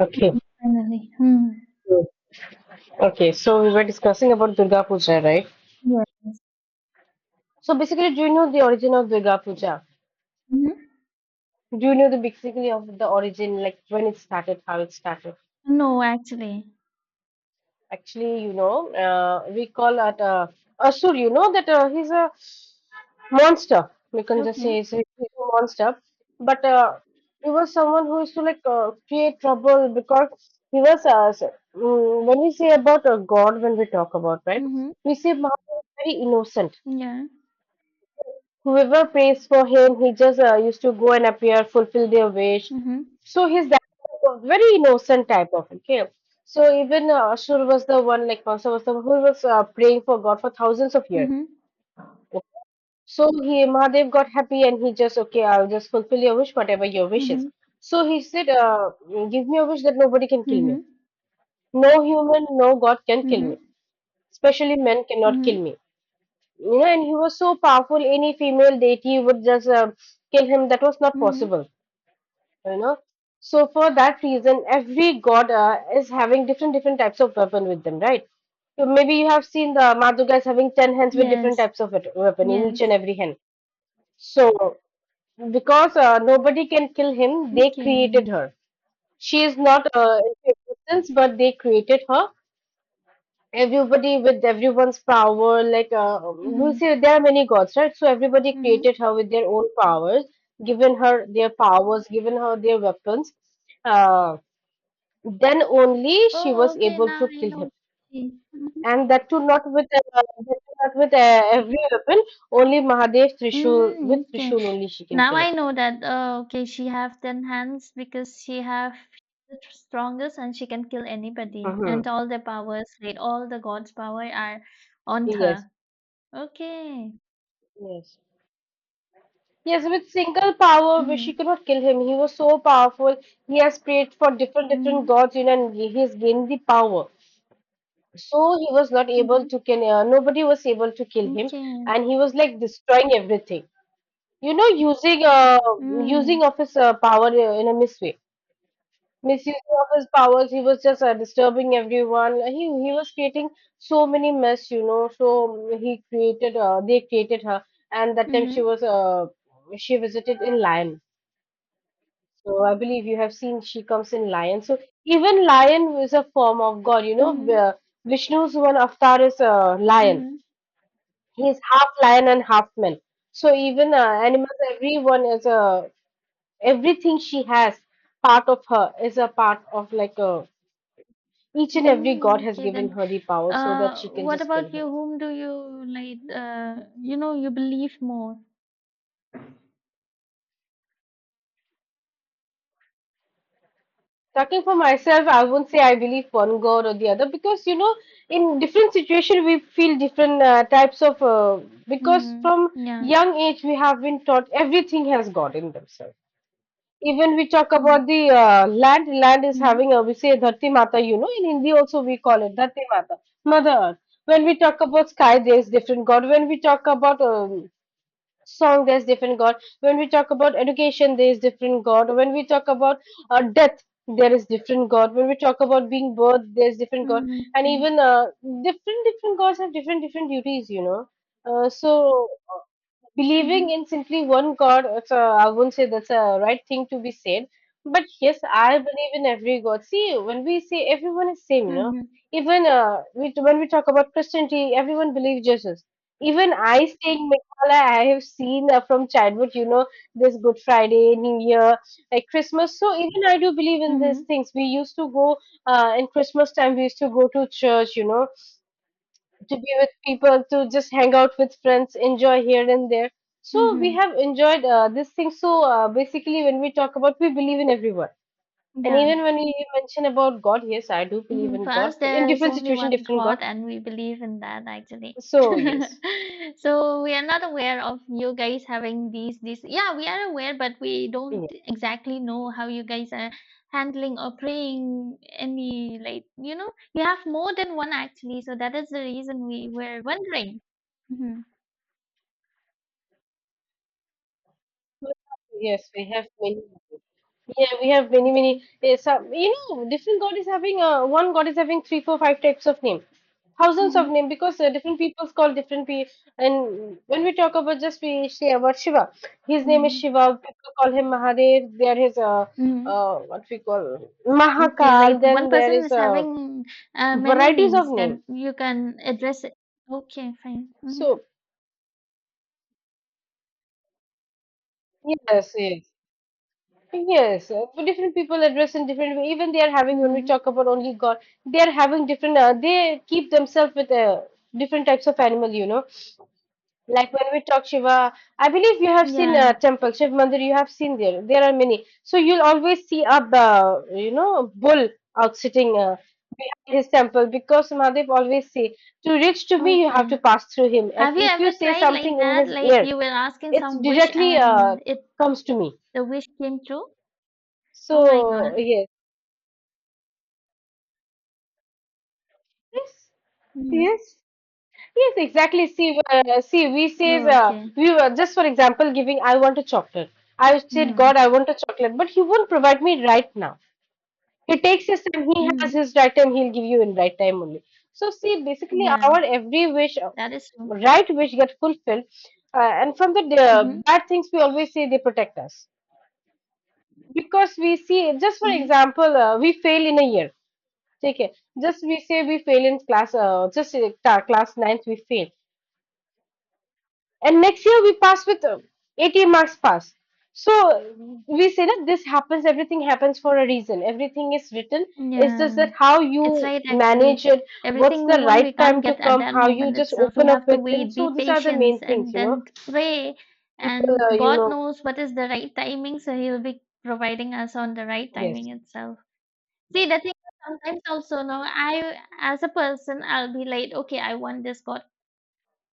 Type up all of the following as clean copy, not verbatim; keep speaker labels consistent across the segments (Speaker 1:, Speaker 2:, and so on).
Speaker 1: Okay.
Speaker 2: Mm, finally. Hmm.
Speaker 1: Mm. Okay. So we were discussing about Durga Puja, right?
Speaker 2: Yes.
Speaker 1: So basically, do you know the origin of Durga Puja?
Speaker 2: Mhm.
Speaker 1: Do you know the basically of the origin, like when it started, how it started?
Speaker 2: No, actually.
Speaker 1: Actually, we call at Asur. You know that he's a monster. We can just
Speaker 2: Okay.
Speaker 1: say he's a monster. But he was someone who used to like create trouble because he was when we say about a god, when we talk about right,
Speaker 2: Mhm.
Speaker 1: we say Mahabharata is very innocent.
Speaker 2: Yeah.
Speaker 1: Whoever prays for him, he just used to go and appear, fulfill their wish.
Speaker 2: Mhm.
Speaker 1: So he's that very innocent type of okay. So even Ashur was the one, like Kamsa was the one who was praying for God for thousands of years.
Speaker 2: Mhm.
Speaker 1: So he Mahadev got happy and he just okay, I'll just fulfill your wish, whatever your wish is.
Speaker 2: Mhm.
Speaker 1: So he said, give me a wish that nobody can kill me.
Speaker 2: Mhm.
Speaker 1: No human, no God can kill me.
Speaker 2: Mhm.
Speaker 1: Especially men cannot kill
Speaker 2: Mhm.
Speaker 1: me. And he was so powerful, any female deity would just kill him. That was not
Speaker 2: Mhm.
Speaker 1: possible, you know. So for that reason, every god is having different different types of weapon with them, right? So maybe you have seen the Maduga is having 10 hands with different
Speaker 2: Yes.
Speaker 1: types of weapon in each and
Speaker 2: Yes.
Speaker 1: every hand. So because nobody can kill him, they
Speaker 2: Okay.
Speaker 1: created her. She is not in existence, but they created her everybody with everyone's power, like we
Speaker 2: Mhm.
Speaker 1: see there are many gods, right? So everybody
Speaker 2: Mhm.
Speaker 1: created her with their own powers, given her their powers, given her their weapons, uh, then only she
Speaker 2: Oh,
Speaker 1: was
Speaker 2: okay.
Speaker 1: able
Speaker 2: Now
Speaker 1: to
Speaker 2: I
Speaker 1: kill
Speaker 2: know.
Speaker 1: him,
Speaker 2: Mhm.
Speaker 1: and that too not with every weapon. Only mahadev trishul, with
Speaker 2: Mm, okay.
Speaker 1: trishul only she can
Speaker 2: Now
Speaker 1: kill him.
Speaker 2: I know that. Oh, okay. She have ten hands because she have the strongest and she can kill anybody
Speaker 1: Hmm.
Speaker 2: and all the powers, like all the gods' power are on
Speaker 1: Yes,
Speaker 2: her. Okay. Okay. Okay.
Speaker 1: yes, yes, with single power, but she could not kill him. He was so powerful. He has prayed for different
Speaker 2: హుహు.
Speaker 1: different gods, and he has gained the power. So he was not
Speaker 2: హుహు.
Speaker 1: able to kill. Nobody was able to kill him,
Speaker 2: okay.
Speaker 1: and he was like destroying everything. You know, using uh
Speaker 2: హ్మ్.
Speaker 1: using of his power in a misway, misusing of his powers. He was just disturbing everyone. He was creating so many mess. So he created. They created her, and that time
Speaker 2: హుహు.
Speaker 1: she visited in Lion. So I believe you have seen she comes in lion. So even lion is a form of God.
Speaker 2: హుహు.
Speaker 1: Vishnu's one avatar is a
Speaker 2: హుహు.
Speaker 1: lion. He is half lion and half man. So even animals, everyone is a everything she has. Part of her is a part of like a each and
Speaker 2: హ్మ్.
Speaker 1: every God has
Speaker 2: Okay then.
Speaker 1: given her the power so
Speaker 2: Uh,
Speaker 1: that she can
Speaker 2: what
Speaker 1: just kill
Speaker 2: about you?
Speaker 1: him.
Speaker 2: Whom do you like, you believe more?
Speaker 1: Talking for myself, I won't say I believe one God or the other because in different situation we feel different types of. Because
Speaker 2: Mhm.
Speaker 1: from
Speaker 2: Yeah.
Speaker 1: young age we have been taught everything has God in themselves. Even we talk about
Speaker 2: Mhm.
Speaker 1: the land. Land is
Speaker 2: Mhm.
Speaker 1: having a we say Dharti Mata. In Hindi also we call it Dharti Mata, Mother Earth. When we talk about sky, there is different God. When we talk about song, there's different god. When we talk about education, there is different god. When we talk about death, there is different god. When we talk about being birth, there's different god.
Speaker 2: Mhm.
Speaker 1: And
Speaker 2: Yeah.
Speaker 1: even different different gods have different different duties, so uh, believing in
Speaker 2: Mhm.
Speaker 1: simply one god, I wouldn't say that's a right thing to be said. But yes, I believe in every god. See, when we say everyone is same.
Speaker 2: Mhm.
Speaker 1: Even when we talk about Christianity, everyone believes Jesus. Even I saying, all I have seen from childhood, this Good Friday, New Year, like Christmas. So even I do believe in these
Speaker 2: Mhm.
Speaker 1: things. We used to go in Christmas time. We used to go to church, to be with people, to just hang out with friends, enjoy here and there. So we
Speaker 2: Mhm.
Speaker 1: have enjoyed this thing. So basically, when we talk about, we believe in everyone. And
Speaker 2: Yeah.
Speaker 1: even when you mention about God, yes, I do believe
Speaker 2: Mhm,
Speaker 1: in
Speaker 2: for
Speaker 1: God,
Speaker 2: us,
Speaker 1: but in
Speaker 2: there is
Speaker 1: different
Speaker 2: only
Speaker 1: situation,
Speaker 2: one
Speaker 1: different God.
Speaker 2: God, and we believe in that actually.
Speaker 1: So yes,
Speaker 2: So we are not aware of you guys having these. Yeah, we are aware, but we don't
Speaker 1: yes,
Speaker 2: exactly know how you guys are handling or praying any, like, you have more than one actually. So that is the reason we were wondering. Mm-hmm.
Speaker 1: yes, we have many. Yeah, we have many, many.
Speaker 2: Okay.
Speaker 1: Some, different god is having one god is having three, four, five types of name, thousands of
Speaker 2: Mm-hmm.
Speaker 1: name because different peoples call different people. And when we talk about just we say about Shiva, his name is
Speaker 2: Mm-hmm.
Speaker 1: Shiva. People call him Mahadev. There is
Speaker 2: Mm-hmm.
Speaker 1: what we call
Speaker 2: Okay,
Speaker 1: Mahakal.
Speaker 2: like one
Speaker 1: Then there
Speaker 2: person
Speaker 1: is
Speaker 2: is having many
Speaker 1: varieties of
Speaker 2: names,
Speaker 1: name.
Speaker 2: then you can address it. Okay, fine. Mm-hmm.
Speaker 1: So yes, yes. Yes, for different people address in different way. Even they are having when we
Speaker 2: Mm-hmm.
Speaker 1: talk about only God, they are having different. They keep themselves with different types of animal. Like when we talk Shiva, I believe you have seen
Speaker 2: Yeah.
Speaker 1: temple Shiv Mandir. You have seen there. There are many. So you'll always see a bull out sitting behind his temple because Mahadev always say to reach to me you have
Speaker 2: Okay.
Speaker 1: to pass through him. If
Speaker 2: Have you
Speaker 1: if you
Speaker 2: ever
Speaker 1: say
Speaker 2: tried like
Speaker 1: something in
Speaker 2: that?
Speaker 1: his
Speaker 2: Like
Speaker 1: ear,
Speaker 2: you were asking
Speaker 1: it
Speaker 2: some wish
Speaker 1: directly
Speaker 2: and it
Speaker 1: comes to me.
Speaker 2: the wish came true? Oh my
Speaker 1: So
Speaker 2: God.
Speaker 1: yes. Yes,
Speaker 2: Mm-hmm.
Speaker 1: yes, yes, exactly. See, we says
Speaker 2: Oh, okay.
Speaker 1: we were just for example giving. I want a chocolate. I said,
Speaker 2: Mm-hmm.
Speaker 1: God, I want a chocolate, but He won't provide me right now. He takes His time. He has
Speaker 2: Mm-hmm.
Speaker 1: His right time. He'll give you in right time only. So see, basically,
Speaker 2: Yeah.
Speaker 1: our every wish,
Speaker 2: That is true.
Speaker 1: right wish, get fulfilled, and from the
Speaker 2: Mm-hmm.
Speaker 1: bad things we always say they protect us because we see. Just for
Speaker 2: Mm-hmm.
Speaker 1: example, we fail in a year. Okay. Just we say we fail in class. Just class ninth we fail, and next year we pass with 80 marks pass, so we say that this happens, everything happens for a reason, everything is written. It's just
Speaker 2: Yeah.
Speaker 1: that how you
Speaker 2: It's right,
Speaker 1: manage
Speaker 2: actually.
Speaker 1: it, what's
Speaker 2: Everything we
Speaker 1: the
Speaker 2: want
Speaker 1: right
Speaker 2: we
Speaker 1: time
Speaker 2: can't
Speaker 1: to
Speaker 2: get at
Speaker 1: come,
Speaker 2: that
Speaker 1: how you
Speaker 2: moment
Speaker 1: just
Speaker 2: itself. We
Speaker 1: open up
Speaker 2: have to
Speaker 1: with him.
Speaker 2: wait, be
Speaker 1: So these are the
Speaker 2: patient,
Speaker 1: main things
Speaker 2: and
Speaker 1: you know
Speaker 2: then pray.
Speaker 1: People
Speaker 2: And God knows what is the right timing, so he'll be providing us on the right
Speaker 1: yes.
Speaker 2: timing itself. See, the thing is sometimes also, no, I as a person, I'll be like, okay, I want this God.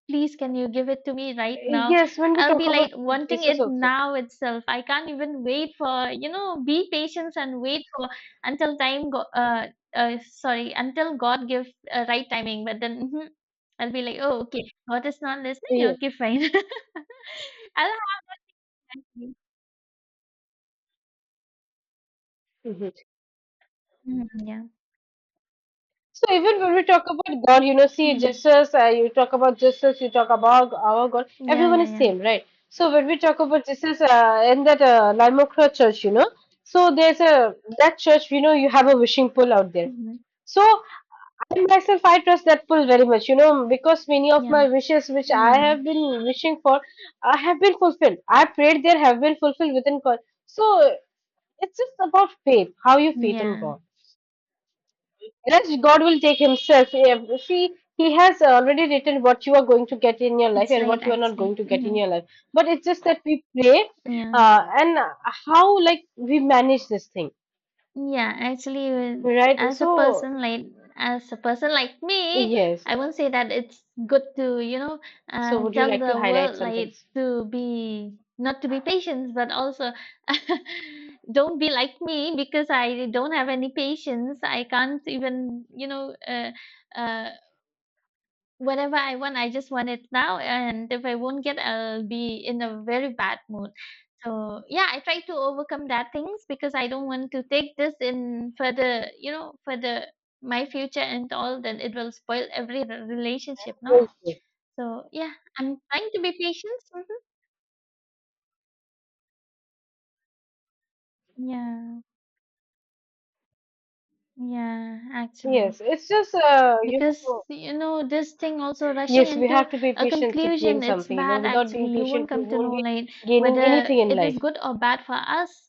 Speaker 2: Please, can you give it to me right
Speaker 1: Uh,
Speaker 2: now?
Speaker 1: yes when we
Speaker 2: I'll
Speaker 1: talk
Speaker 2: be
Speaker 1: about
Speaker 2: like wanting
Speaker 1: Jesus
Speaker 2: it
Speaker 1: also,
Speaker 2: now itself. I can't even wait for, be patient and wait for until time go, sorry, until God gives right timing. But then I'll be like, oh, okay, God is not listening.
Speaker 1: yes.
Speaker 2: Okay, fine. I'll have.
Speaker 1: Mm-hmm.
Speaker 2: Mhm, yeah.
Speaker 1: So even when we talk about God, see
Speaker 2: Mhm.
Speaker 1: Jesus, you talk about Jesus, you talk about our God,
Speaker 2: Yeah,
Speaker 1: everyone
Speaker 2: yeah,
Speaker 1: is
Speaker 2: yeah.
Speaker 1: same, right? So when we talk about Jesus in that Lima Croix church, so there's a that church, you have a wishing pool out there.
Speaker 2: Mhm.
Speaker 1: So I myself, I trust that pool very much, because many of
Speaker 2: Yeah,
Speaker 1: my wishes which I
Speaker 2: yeah,
Speaker 1: have been wishing for, have been fulfilled. I prayed there have been fulfilled within God. So it's just about faith, how you faith on
Speaker 2: yeah.
Speaker 1: God. Yes, God will take Himself. See, He has already written what you are going to get in your life
Speaker 2: It's
Speaker 1: and
Speaker 2: right,
Speaker 1: what you are not going
Speaker 2: actually.
Speaker 1: to get in
Speaker 2: Hmm.
Speaker 1: your life. But it's just that we pray,
Speaker 2: Yeah,
Speaker 1: and how like we manage this thing,
Speaker 2: yeah. Actually,
Speaker 1: right?
Speaker 2: as a
Speaker 1: So
Speaker 2: person like as a person like me,
Speaker 1: yes.
Speaker 2: I won't say that it's good to
Speaker 1: So would you
Speaker 2: tell
Speaker 1: like to
Speaker 2: the
Speaker 1: highlight
Speaker 2: world
Speaker 1: some
Speaker 2: like
Speaker 1: things?
Speaker 2: to be, not to be patient, but also don't be like me because I don't have any patience. I can't even. Uh, Whatever I want, I just want it now, and if I won't get, I'll be in a very bad mood. So yeah, I try to overcome that things because I don't want to take this in further, further my future and all. Then it will spoil every relationship, no?
Speaker 1: Yes,
Speaker 2: So yeah, I'm trying to be patient. Hmm. Yeah, yeah, actually.
Speaker 1: yes, it's just
Speaker 2: Because this thing also rushing
Speaker 1: yes, we
Speaker 2: into
Speaker 1: have to be
Speaker 2: a
Speaker 1: patient to gain
Speaker 2: conclusion, it's
Speaker 1: something. You know,
Speaker 2: bad
Speaker 1: without
Speaker 2: actually.
Speaker 1: being
Speaker 2: You won't
Speaker 1: patient, we
Speaker 2: come to
Speaker 1: won't
Speaker 2: know
Speaker 1: be
Speaker 2: like
Speaker 1: gaining
Speaker 2: whether
Speaker 1: anything in
Speaker 2: it is
Speaker 1: life.
Speaker 2: good or bad for us,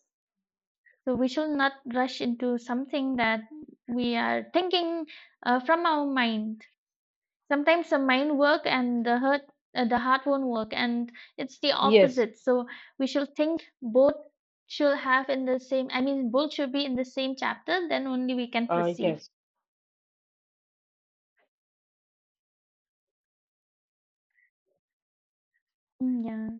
Speaker 2: so we shall not rush into something that we are thinking from our mind. Sometimes the mind work and the heart won't work and it's the
Speaker 1: Yes,
Speaker 2: opposite. So we shall think both should have in the same, I mean, both should be in the same chapter, then only we can
Speaker 1: uh,
Speaker 2: proceed.
Speaker 1: yes.
Speaker 2: Mm, yeah.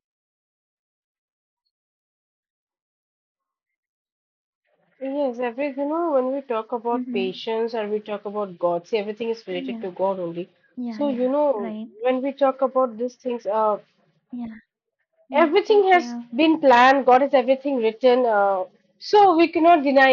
Speaker 1: Yes, every when we talk about
Speaker 2: Mm-hmm.
Speaker 1: patience or we talk about God, see everything is related
Speaker 2: Yeah.
Speaker 1: to God only.
Speaker 2: Yeah,
Speaker 1: So you
Speaker 2: yeah.
Speaker 1: know
Speaker 2: Right.
Speaker 1: when we talk about these things,
Speaker 2: Yeah.
Speaker 1: everything
Speaker 2: Thank
Speaker 1: has
Speaker 2: you.
Speaker 1: been planned. God has everything written. So we cannot deny